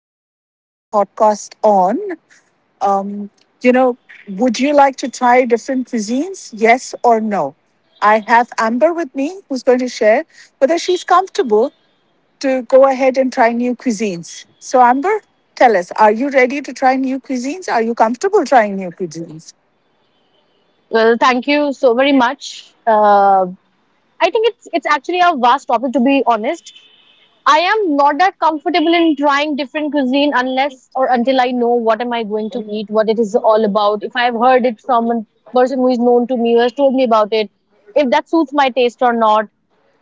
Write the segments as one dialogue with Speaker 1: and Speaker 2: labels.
Speaker 1: we're going to start a podcast on, um, you know, would you like to try different cuisines? Yes or no? I have Amber with me who's going to share whether she's comfortable to go ahead and try new cuisines. So, Amber, tell us, are you ready to try new cuisines? Are you comfortable trying new cuisines?
Speaker 2: Well, thank you so very much. I think it's actually a vast topic, to be honest. I am not that comfortable in trying different cuisine unless or until I know what am I going to eat, what it is all about. If I've heard it from a person who is known to me, who has told me about it, if that suits my taste or not.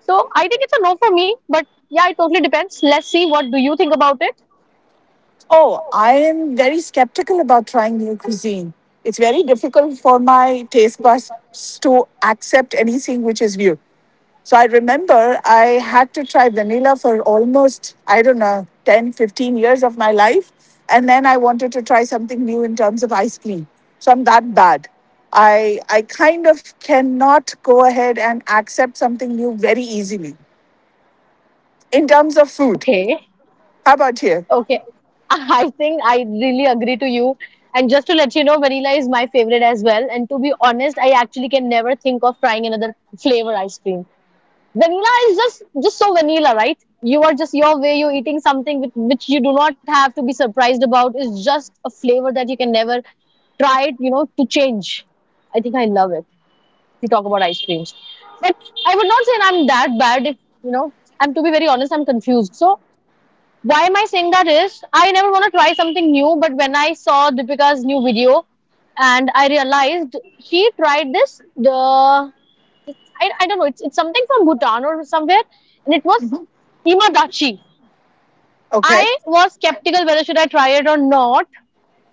Speaker 2: So I think it's a no for me. But yeah, it totally depends. Let's see what do you think about it.
Speaker 1: Oh, I am very skeptical about trying new cuisine. It's very difficult for my taste buds to accept anything which is new. So I remember I had to try vanilla for almost, I don't know, 10-15 years of my life. And then I wanted to try something new in terms of ice cream. So I'm that bad. I kind of cannot go ahead and accept something new very easily in terms of food.
Speaker 2: Okay.
Speaker 1: How about here?
Speaker 2: Okay. I think I really agree to you. And just to let you know, vanilla is my favorite as well. And to be honest, I actually can never think of trying another flavor ice cream. Vanilla is just so vanilla, right? You are just your way, you're eating something which you do not have to be surprised about. It's just a flavor that you can never try it, to change. I think I love it to talk about ice creams. But I would not say I'm that bad if, you know, I'm to be very honest, I'm confused. So why am I saying that is I never want to try something new, but when I saw Deepika's new video and I realized she tried this the I don't know, it's something from Bhutan or somewhere, and it was
Speaker 1: Mm-hmm.
Speaker 2: imadachi.
Speaker 1: Okay.
Speaker 2: I was skeptical whether should I try it or not,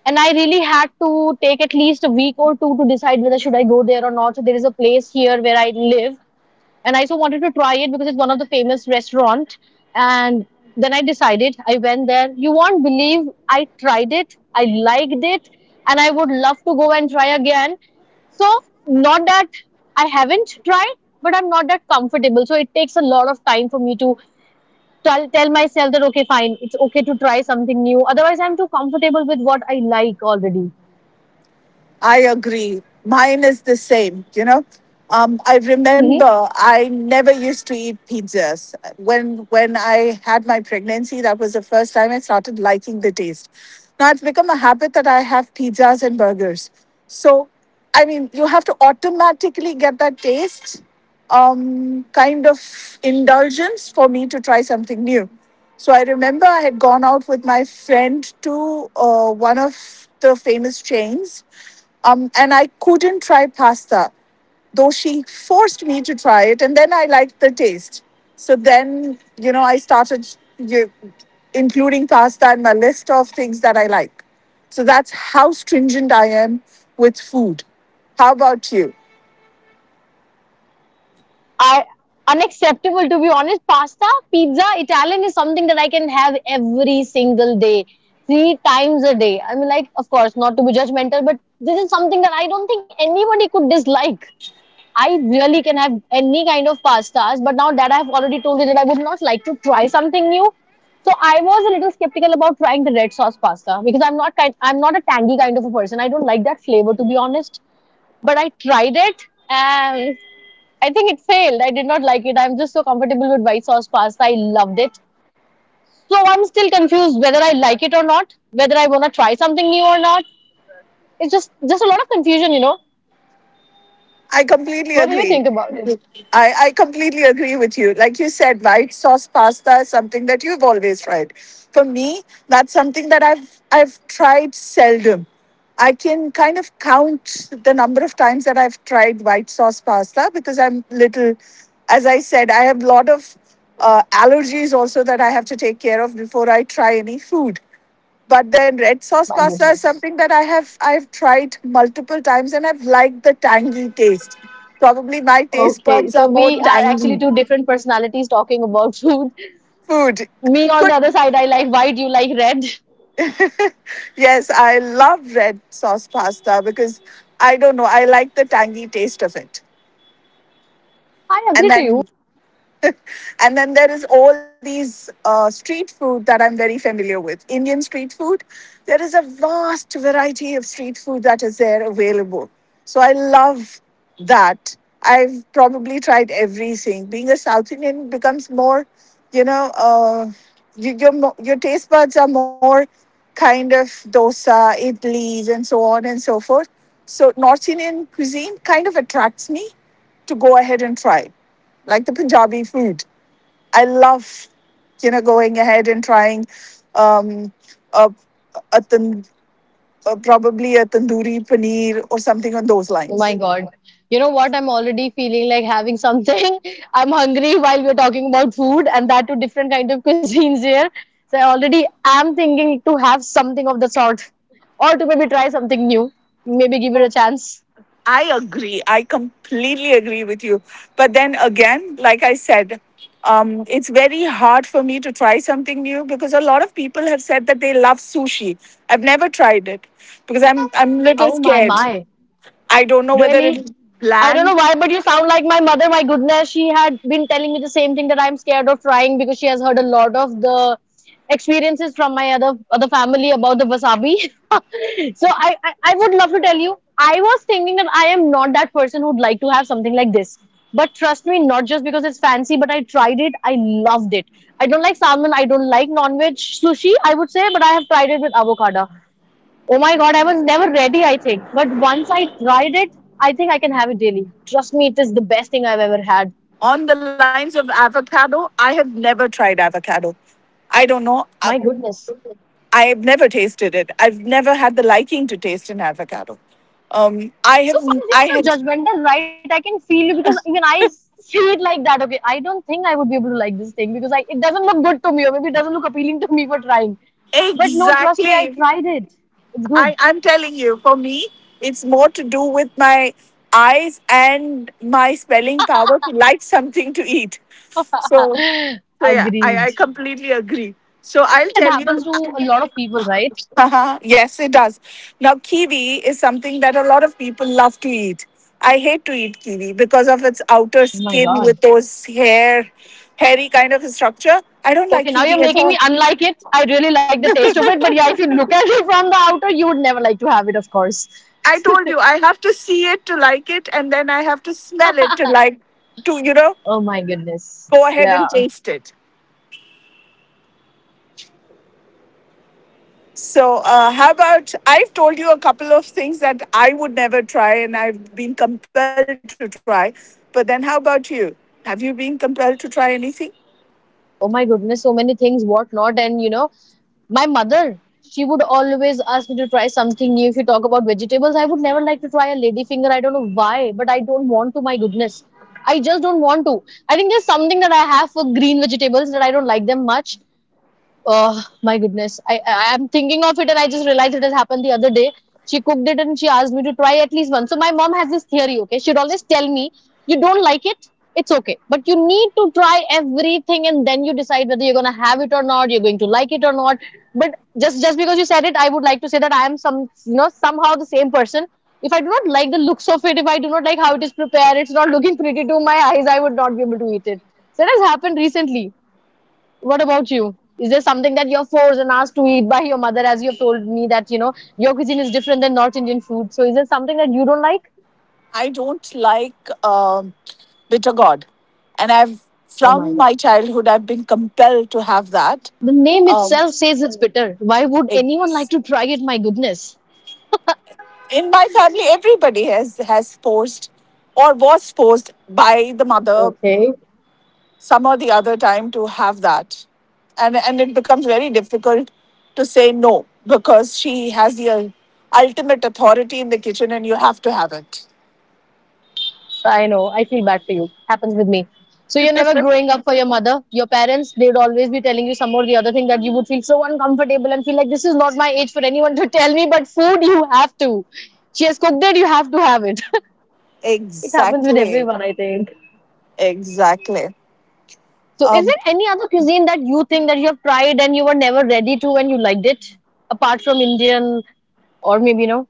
Speaker 2: and I really had to take at least a week or two to decide whether should I go there or not. So there is a place here where I live and I so wanted to try it because it's one of the famous restaurant. And then I decided I went there. You won't believe I tried it. I liked it, and I would love to go and try again. So not that I haven't tried, but I'm not that comfortable. So it takes a lot of time for me to tell myself that okay, fine, it's okay to try something new. Otherwise, I'm too comfortable with what I like already.
Speaker 1: I agree. Mine is the same, you know. I
Speaker 2: Hmm.
Speaker 1: remember I never used to eat pizzas. When I had my pregnancy, that was the first time I started liking the taste. Now it's become a habit that I have pizzas and burgers. So I mean, you have to automatically get that taste, kind of indulgence for me to try something new. So I remember I had gone out with my friend to one of the famous chains, and I couldn't try pasta, though she forced me to try it, and then I liked the taste. So then, you know, you, including pasta in my list of things that I like. So that's how stringent I am with food. How about you?
Speaker 2: Are unacceptable, to be honest. Pasta, pizza, Italian is something that I can have every single day, three times a day. I mean, like, of course, not to be judgmental, but this is something that I don't think anybody could dislike. I really can have any kind of pastas, but now that I have already told you that I would not like to try something new, so I was a little skeptical about trying the red sauce pasta because I'm not a tangy kind of a person. I don't like that flavor, to be honest. But I tried it, and I think it failed. I did not like it. I'm just so comfortable with white sauce pasta. I loved it. So I'm still confused whether I like it or not, whether I want to try something new or not. It's just a lot of confusion.
Speaker 1: I completely
Speaker 2: What do you
Speaker 1: agree.
Speaker 2: think about it?
Speaker 1: I completely agree with you. Like you said, white sauce pasta is something that you've always tried. For me, that's something that I've tried seldom. I can kind of count the number of times that I've tried white sauce pasta because I'm little, as I said, I have a lot of allergies also that I have to take care of before I try any food, but then red sauce
Speaker 2: My
Speaker 1: pasta is
Speaker 2: goodness.
Speaker 1: something that I've tried multiple times and I've liked the tangy taste, probably my taste
Speaker 2: Okay,
Speaker 1: buds are
Speaker 2: so
Speaker 1: more
Speaker 2: we are actually
Speaker 1: tangy
Speaker 2: two different personalities talking about food.
Speaker 1: food
Speaker 2: Me on the
Speaker 1: could
Speaker 2: other side, I like white, you like red.
Speaker 1: Yes, I love red sauce pasta because I don't know, I like the tangy taste of it,
Speaker 2: I
Speaker 1: and
Speaker 2: agree to you.
Speaker 1: then and then there is all these street food that I'm very familiar with. Indian street food, there is a vast variety of street food that is there available. So I love that. I've probably tried everything. Being a South Indian becomes more, you know, you, your, your taste buds are more kind of dosa, idlis, and so on and so forth. So North Indian cuisine kind of attracts me to go ahead and try, like the Punjabi food. I love, you know, going ahead and trying, um, a, a, tan- probably a tandoori paneer or something on those
Speaker 2: Oh my
Speaker 1: lines.
Speaker 2: God. You know what? I'm already feeling like having something. I'm hungry while we're talking about food, and that too different kind of cuisines here. So I already am thinking to have something of the sort, or to maybe try something new. Maybe give it a
Speaker 1: Oh,
Speaker 2: chance.
Speaker 1: I agree. I completely agree with you. But then again, like I said, it's very hard for me to try something new because a lot of people have said that they love sushi. I've never tried it because I'm little
Speaker 2: Oh my
Speaker 1: scared.
Speaker 2: my.
Speaker 1: I don't know whether it'll
Speaker 2: Really? I don't
Speaker 1: land
Speaker 2: know why, but you sound like my mother. My goodness, she had been telling me the same thing that I'm scared of trying because she has heard a lot of the experiences from my other family about the wasabi. So I would love to tell you. I was thinking that I am not that person who'd like to have something like this. But trust me, not just because it's fancy, but I tried it. I loved it. I don't like salmon. I don't like non-veg sushi. I would say, but I have tried it with avocado. Oh my god, I was never ready, I think. But once I tried it, I think I can have it daily. Trust me, it is the best thing I've ever had.
Speaker 1: on the lines of avocado, I have never tried avocado. I don't know.
Speaker 2: My goodness.
Speaker 1: I've never tasted it. I've never had the liking to taste an avocado. I have.
Speaker 2: So
Speaker 1: I
Speaker 2: sometimes
Speaker 1: had
Speaker 2: you're so judgmental, right? I can feel you because even I see it like that. Okay, I don't think I would be able to like this thing because I, it doesn't look good to me, or maybe it doesn't look appealing to me for trying. But no, trust me, I
Speaker 1: exactly.
Speaker 2: tried it. It's good.
Speaker 1: I'm telling you, for me, it's more to do with my eyes and my spelling power to like something to eat. So, so yeah, I,
Speaker 2: Agreed.
Speaker 1: I completely agree. So
Speaker 2: I think
Speaker 1: I'll
Speaker 2: that
Speaker 1: tell you.
Speaker 2: happens to a lot of people, right?
Speaker 1: Uh-huh. Yes, it does. Now, kiwi is something that a lot of people love to eat. I hate to eat kiwi because of its outer
Speaker 2: Oh my
Speaker 1: skin with
Speaker 2: god.
Speaker 1: those hairy kind of structure. I don't like
Speaker 2: Okay, now
Speaker 1: kiwi
Speaker 2: you're
Speaker 1: at all.
Speaker 2: making me unlike it. I really like the taste of it, but yeah, if you look at it from the outer, you would never like to have it, of course.
Speaker 1: I told you, I have to see it to like it, and then I have to smell it to like, to, you know,
Speaker 2: Oh my goodness.
Speaker 1: go ahead and
Speaker 2: Yeah.
Speaker 1: taste it. So, how about I've told you a couple of things that I would never try and I've been compelled to try. But then, how about you? Have you been compelled to try anything?
Speaker 2: Oh my goodness, so many things, what not. And my mother, she would always ask me to try something new. If you talk about vegetables, I would never like to try a lady finger. I don't know why, but I don't want to, my goodness. I just don't want to. I think there's something that I have for green vegetables that I don't like them much. Oh my goodness. I am thinking of it, and I just realized it has happened the other day. She cooked it and she asked me to try at least one. So my mom has this theory, okay? She'd always tell me, you don't like it, it's okay. But you need to try everything and then you decide whether you're gonna have it or not, you're going to like it or not. But just because you said it, I would like to say that I am somehow the same person. If I do not like the looks of it, if I do not like how it is prepared, it's not looking pretty to my eyes, I would not be able to eat it. So that has happened recently. What about you? Is there something that you're forced and asked to eat by your mother, as you've told me that, your cuisine is different than North Indian food? So is there something that you don't like?
Speaker 1: I don't like, bitter gourd, and I've
Speaker 2: Oh my
Speaker 1: from my
Speaker 2: God.
Speaker 1: childhood I've been compelled to have that.
Speaker 2: The name
Speaker 1: Um,
Speaker 2: itself says it's bitter. Why would anyone like
Speaker 1: it's-
Speaker 2: to try it? My goodness.
Speaker 1: in my family, everybody has forced or was forced by the mother
Speaker 2: Okay.
Speaker 1: some or the other time to have that, and it becomes very difficult to say no because she has the ultimate authority in the kitchen, and you have to have it.
Speaker 2: I know. I feel bad for you. Happens with me. So you're never growing up for your mother. Your parents, they would always be telling you some or the other thing that you would feel so uncomfortable and feel like this is not my age for anyone to tell me, but food you have to. She has cooked it, you have to have it. It happens with
Speaker 1: Exactly.
Speaker 2: everyone, I think.
Speaker 1: Exactly.
Speaker 2: So, is
Speaker 1: Um,
Speaker 2: there any other cuisine that you think that you have tried and you were never ready to and you liked it, apart from Indian or maybe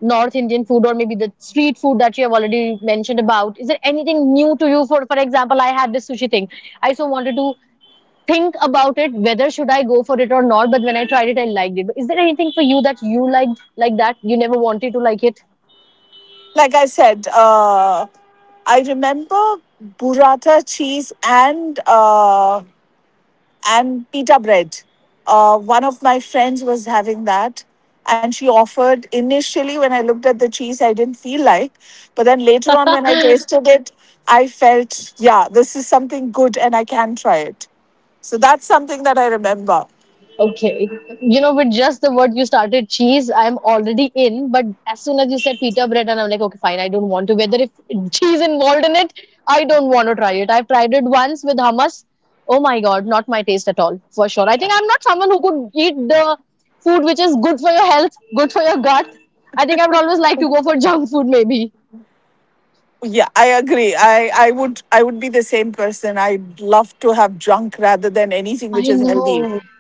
Speaker 2: North Indian food, or maybe the street food that you have already mentioned about? Is there anything new to you? For example, I had this sushi thing. I so wanted to think about it whether should I go for it or not. But when I tried it, I liked it. But is there anything for you that you liked like that you never wanted to like it?
Speaker 1: like I said, I remember burrata cheese and, and pita bread. One of my friends was having that, and she offered. Initially, when I looked at the cheese, I didn't feel like, but then later on, when I tasted it, I felt, yeah, this is something good, and I can try it. So that's something that I remember.
Speaker 2: Okay. With just the word you started cheese, I'm already in. But as soon as you said pita bread, and I'm like, okay, fine, I don't want to. Whether if cheese involved in it, I don't want to try it. I've tried it once with hummus. Oh my God, not my taste at all, for sure. I think I'm not someone who could eat the food which is good for your health, good for your gut. I think I would always like to go for junk food, maybe.
Speaker 1: Yeah, I agree. I would be the same person. I'd love to have junk rather than anything which is
Speaker 2: I
Speaker 1: healthy.
Speaker 2: know.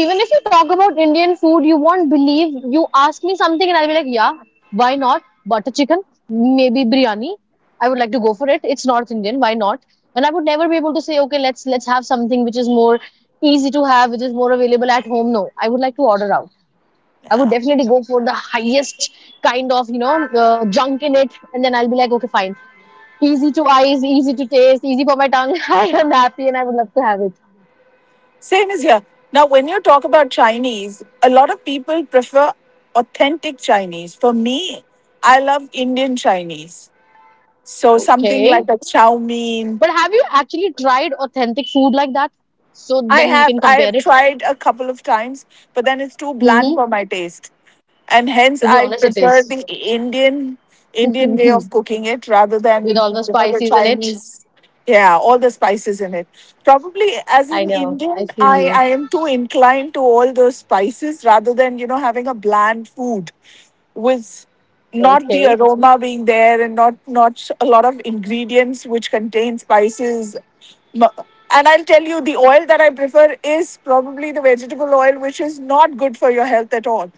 Speaker 2: So even if you talk about Indian food, you won't believe. You ask me something, and I'll be like, yeah, why not? Butter chicken, maybe biryani. I would like to go for it. It's North Indian. Why not? And I would never be able to say, okay, let's have something which is more easy to have, which is more available at home. No, I would like to order out. I would
Speaker 1: Yeah.
Speaker 2: definitely go for the highest kind of junk in it, and then I'll be like, okay, fine, easy to eyes, easy to taste, easy for my tongue. I am happy, and I would love to have it.
Speaker 1: Same as here. Now, when you talk about Chinese, a lot of people prefer authentic Chinese. For me, I love Indian Chinese. So something
Speaker 2: Okay.
Speaker 1: like a chow mein,
Speaker 2: But have you actually tried authentic food like that? So then you can
Speaker 1: I
Speaker 2: compare
Speaker 1: have
Speaker 2: it.
Speaker 1: tried a couple of times, but then it's too bland
Speaker 2: Hmm.
Speaker 1: for my taste, and hence
Speaker 2: To be
Speaker 1: I
Speaker 2: honest, it
Speaker 1: prefer
Speaker 2: is.
Speaker 1: the Indian way
Speaker 2: With
Speaker 1: of cooking it rather than,
Speaker 2: all the
Speaker 1: you know, the
Speaker 2: spices in it.
Speaker 1: Chinese. Yeah, all the spices in it. Probably as
Speaker 2: I
Speaker 1: an
Speaker 2: know. I
Speaker 1: Indian,
Speaker 2: feel
Speaker 1: I
Speaker 2: you.
Speaker 1: I am too inclined to all those spices rather than, you know, having a bland food with not the
Speaker 2: Okay.
Speaker 1: aroma being there and not a lot of ingredients which contain spices. M- and I'll tell you the oil that I prefer is probably the vegetable oil, which is not good for your health at all.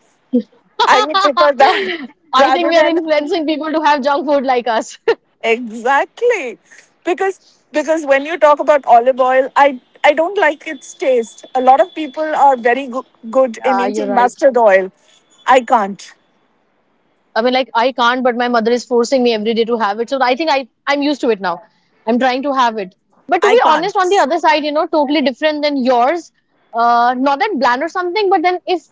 Speaker 1: I would prefer that
Speaker 2: I think
Speaker 1: rather
Speaker 2: we are
Speaker 1: than
Speaker 2: influencing people to have junk food like us.
Speaker 1: exactly because because when you talk about olive oil, I don't like its taste, a lot of people are very good in
Speaker 2: Yeah, you're
Speaker 1: eating
Speaker 2: right.
Speaker 1: mustard oil. i can't
Speaker 2: I mean, like I can't, but my mother is forcing me every day to have it. So I think I'm used to it now. I'm trying to have it. But to
Speaker 1: i
Speaker 2: be
Speaker 1: can't
Speaker 2: honest, on the other side, you know, totally different than yours. Not that bland or something, but then if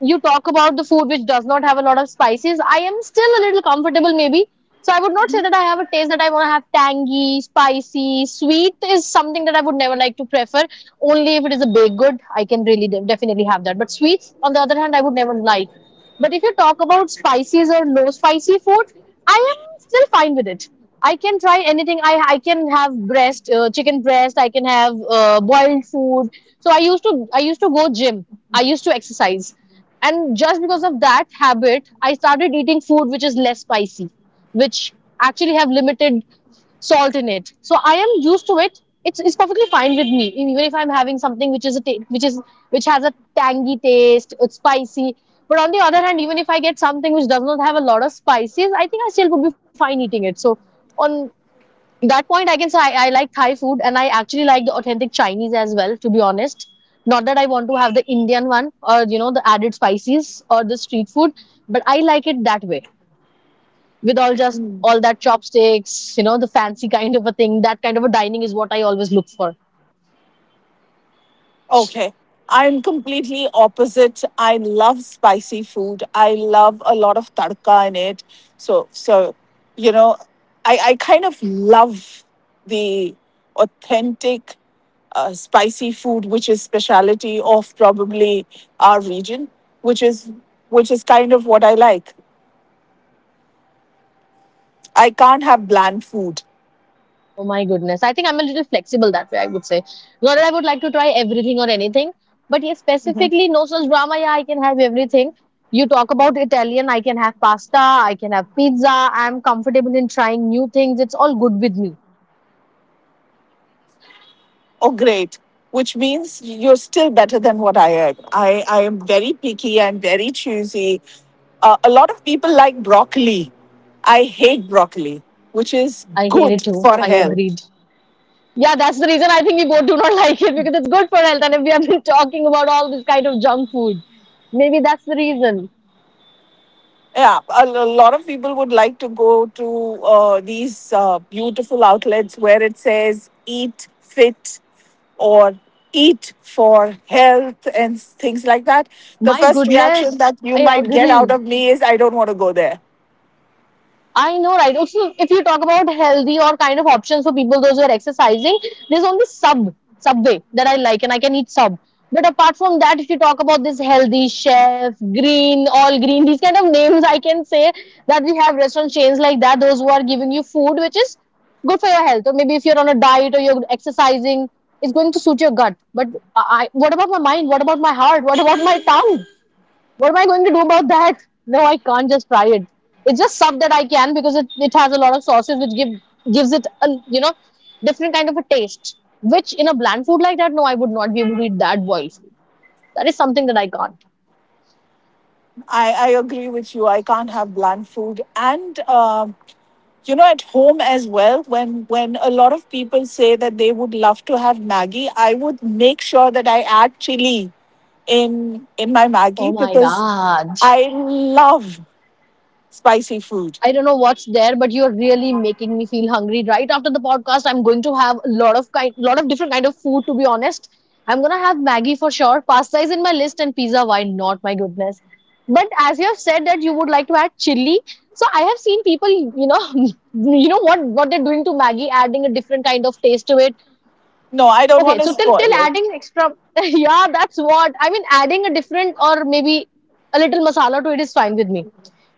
Speaker 2: you talk about the food which does not have a lot of spices, I am still a little comfortable maybe. So I would not say that I have a taste that I want to have tangy, spicy, sweet is something that I would never like to prefer. Only if it is a baked good, I can really definitely have that. But sweets, on the other hand, I would never like. But if you talk about spices or no spicy food, I am still fine with it. I can try anything. I can have breast, chicken breast. I can have boiled food. So I used to go gym. I used to exercise, and just because of that habit, I started eating food which is less spicy, which actually have limited salt in it. So I am used to it. It's perfectly fine with me. Even if I'm having something which is a which is which has a tangy taste, it's spicy. But on the other hand, even if I get something which does not have a lot of spices, I think I still would be fine eating it. So on that point, I can say I like Thai food and I actually like the authentic Chinese as well, to be honest. Not that I want to have the Indian one or you know the added spices or the street food, but I like it that way with all just all that chopsticks, you know, the fancy kind of a thing. That kind of a dining is what I always look for.
Speaker 1: Okay. I'm completely opposite. I love spicy food. I love a lot of tadka in it. So you know, I kind of love the authentic, spicy food, which is speciality of probably our region, which is which is kind of what I like. I can't have bland food.
Speaker 2: Oh my goodness. I think I'm a little flexible that way, I would say. Not that I would like to try everything or anything, but yes, specifically, no such drama. Yeah, I can have everything. You talk about Italian, I can have pasta, I can have pizza. I'm comfortable in trying new things. It's all good with me.
Speaker 1: Oh great, which means you're still better than what I am. I am very picky, I'm very choosy. A lot of people like broccoli, I hate broccoli, which is
Speaker 2: I hear it
Speaker 1: good
Speaker 2: too.
Speaker 1: for
Speaker 2: I
Speaker 1: health.
Speaker 2: agreed. Yeah, that's the reason I think we both do not like it because it's good for health. And if we have been talking about all this kind of junk food, maybe that's the reason.
Speaker 1: Yeah, a lot of people would like to go to, these, beautiful outlets where it says eat fit or eat for health and things like that. The
Speaker 2: My
Speaker 1: first reaction
Speaker 2: goodness,
Speaker 1: that you
Speaker 2: I
Speaker 1: might get out
Speaker 2: agree.
Speaker 1: of me is I don't want to go there.
Speaker 2: I know, right? Also, if you talk about healthy or kind of options for people, those who are exercising, there's only sub, Subway that I like, and I can eat sub. But apart from that, if you talk about this healthy chef, green, all green, these kind of names, I can say that we have restaurant chains like that, those who are giving you food which is good for your health. Or maybe if you're on a diet or you're exercising, it's going to suit your gut. But what about my mind? What about my heart? What about my tongue? What am I going to do about that? No, I can't just fry it. It's just sub that I can because it has a lot of sauces which gives it a you know different kind of a taste. Which in a bland food like that, no, I would not be able to eat that boiled food. That is something that I can't.
Speaker 1: I agree with you. I can't have bland food. And, you know, at home as well, when a lot of people say that they would love to have maggi, I would make sure that I add chili in my
Speaker 2: Oh
Speaker 1: maggi
Speaker 2: my
Speaker 1: because
Speaker 2: god.
Speaker 1: I love spicy food.
Speaker 2: I don't know what's there, but you're really making me feel hungry. Right after the podcast, I'm going to have a lot of kind, lot of different kind of food. To be honest, I'm gonna have Maggie for sure. Pasta is in my list, and pizza. Why not? My goodness. But as you have said that you would like to add chili, so I have seen people, you know, you know what they're doing to Maggie, adding a different kind of taste to it.
Speaker 1: No, I don't want
Speaker 2: Okay,
Speaker 1: to
Speaker 2: so till
Speaker 1: spoil it.
Speaker 2: adding extra, yeah, that's what I mean. Adding a different or maybe a little masala to it is fine with me.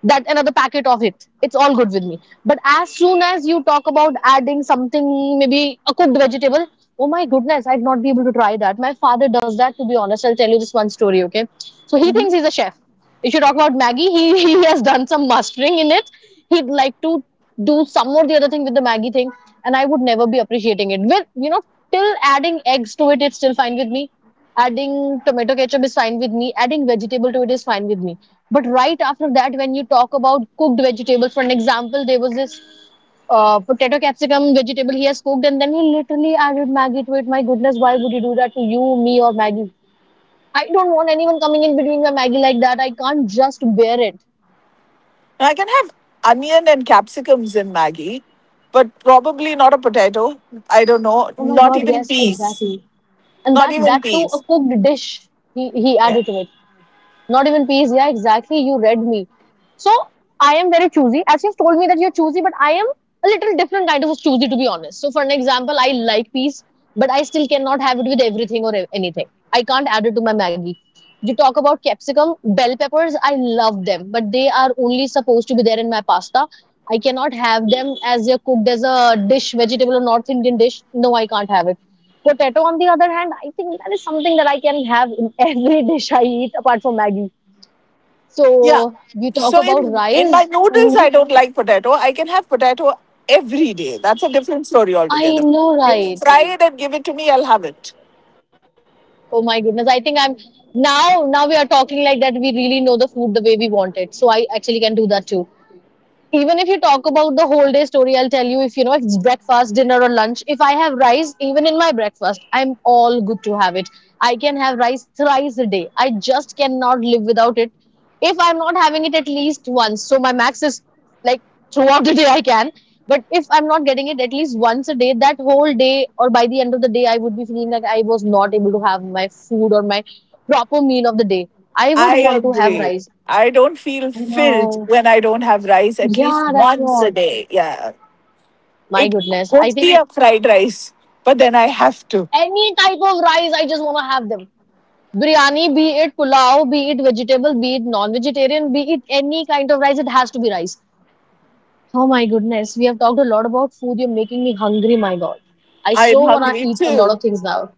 Speaker 2: That another packet of it, it's all good with me, but as soon as you talk about adding something maybe a cooked vegetable, oh my goodness, I'd not be able to try that. My father does that, to be honest. I'll tell you this one story. Okay, so he
Speaker 1: Mhm.
Speaker 2: thinks he's a chef. If you talk about maggie, he has done some mastering in it. He'd like to do some or the other thing with the maggie thing, and I would never be appreciating it with you know. Till adding eggs to it, it's still fine with me. Adding tomato ketchup is fine with me. Adding vegetable to it is fine with me. But right after that, when you talk about cooked vegetables, for an example, there was this potato capsicum vegetable he has cooked, and then he literally added Maggie to it. My goodness, why would you do that to you, me, or Maggie? I don't want anyone coming in between my Maggie like that. I can't just bear it.
Speaker 1: Now, I can have onion and capsicums in maggi, but probably not a potato. I don't know.
Speaker 2: Oh my
Speaker 1: Not
Speaker 2: God,
Speaker 1: even
Speaker 2: yes,
Speaker 1: peas.
Speaker 2: exactly. And
Speaker 1: Not
Speaker 2: that
Speaker 1: even
Speaker 2: that too a
Speaker 1: peas.
Speaker 2: cooked dish he
Speaker 1: Yeah.
Speaker 2: added to it. Not even peace. Yeah, exactly. You read me. So I am very choosy. As you've told me that you're choosy, but I am a little different kind of choosy, to be honest. So for an example, I like peas, but I still cannot have it with everything or anything. I can't add it to my Maggie. You talk about capsicum, bell peppers. I love them, but they are only supposed to be there in my pasta. I cannot have them as they're cooked as a dish, vegetable or North Indian dish. No, I can't have it. Potato, on the other hand, I think that is something that I can have in every dish I eat apart from Maggie.
Speaker 1: Yeah.
Speaker 2: So you talk
Speaker 1: So
Speaker 2: about
Speaker 1: in my
Speaker 2: rice.
Speaker 1: noodles, I
Speaker 2: Mhm.
Speaker 1: don't like potato. I can have potato every day. That's a different story
Speaker 2: I
Speaker 1: altogether.
Speaker 2: know,
Speaker 1: You
Speaker 2: right?
Speaker 1: fry it and give it to me, I'll have it.
Speaker 2: Oh my goodness. I think I'm now we are talking like that we really know the food the way we want it. So I actually can do that too. Even if you talk about the whole day story, I'll tell you, if you know, if it's breakfast dinner or lunch, if I have rice even in my breakfast, I'm all good to have it. I can have rice thrice a day. I just cannot live without it. If I'm not having it at least once, so my max is like throughout the day I can. But if I'm not getting it at least once a day, that whole day or by the end of the day, I would be feeling like I was not able to have my food or my proper meal of the day. I
Speaker 1: I
Speaker 2: would want to have
Speaker 1: agree.
Speaker 2: rice.
Speaker 1: I don't feel
Speaker 2: I
Speaker 1: filled
Speaker 2: know.
Speaker 1: when I don't have rice at
Speaker 2: Yeah,
Speaker 1: least
Speaker 2: that's what.
Speaker 1: once a day. Yeah.
Speaker 2: My
Speaker 1: It
Speaker 2: goodness.
Speaker 1: could
Speaker 2: I
Speaker 1: be
Speaker 2: think
Speaker 1: a fried rice, but then I have to.
Speaker 2: any type of rice, I just want to have them. Biryani, be it pulao, be it vegetable, be it non-vegetarian, be it any kind of rice, it has to be rice. Oh my goodness. We have talked a lot about food. You're making me hungry, my God. I
Speaker 1: I'm
Speaker 2: so want to
Speaker 1: hungry
Speaker 2: eat a lot
Speaker 1: too.
Speaker 2: of things now.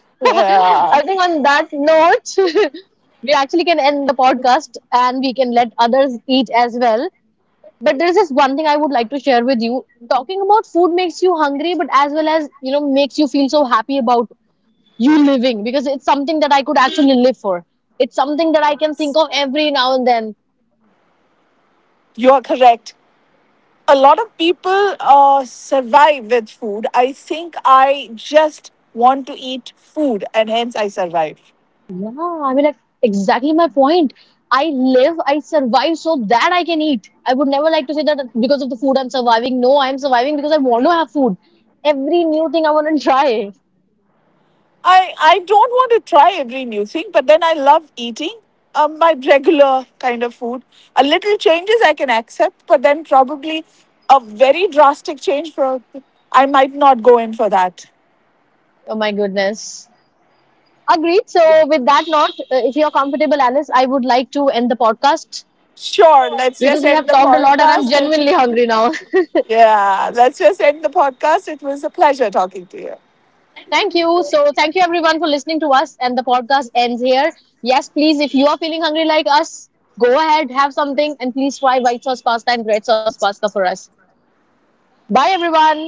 Speaker 1: Yeah.
Speaker 2: I think on that note, we actually can end the podcast and we can let others eat as well. But there's just one thing I would like to share with you. Talking about food makes you hungry, but as well as, you know, makes you feel so happy about you living because it's something that I could actually live for. It's something that I can
Speaker 1: Yes.
Speaker 2: think of every now and then.
Speaker 1: You are correct. A lot of people, survive with food. I think I just want to eat food, and hence I survive.
Speaker 2: Yeah, I mean, like, exactly my point. I live, I survive so that I can eat. I would never like to say that because of the food I'm surviving. No, I'm surviving because I want to have food. Every new thing I want to try.
Speaker 1: I don't want to try every new thing, but then I love eating, my regular kind of food. A little changes I can accept, but then probably a very drastic change for I might not go in for that.
Speaker 2: Oh my goodness. Agreed. So, with that note, if you're comfortable, Alice, I would like to end the podcast
Speaker 1: Sure, let's
Speaker 2: because
Speaker 1: just
Speaker 2: we
Speaker 1: end
Speaker 2: have
Speaker 1: the
Speaker 2: talked a lot and I'm
Speaker 1: podcast. Let's-
Speaker 2: genuinely hungry now.
Speaker 1: Yeah, let's just end the podcast. It was a pleasure talking to you.
Speaker 2: Thank you. So, thank you everyone for listening to us. And the podcast ends here. Yes, please, if you are feeling hungry like us, go ahead, have something, and please try white sauce pasta and red sauce pasta for us. Bye, everyone.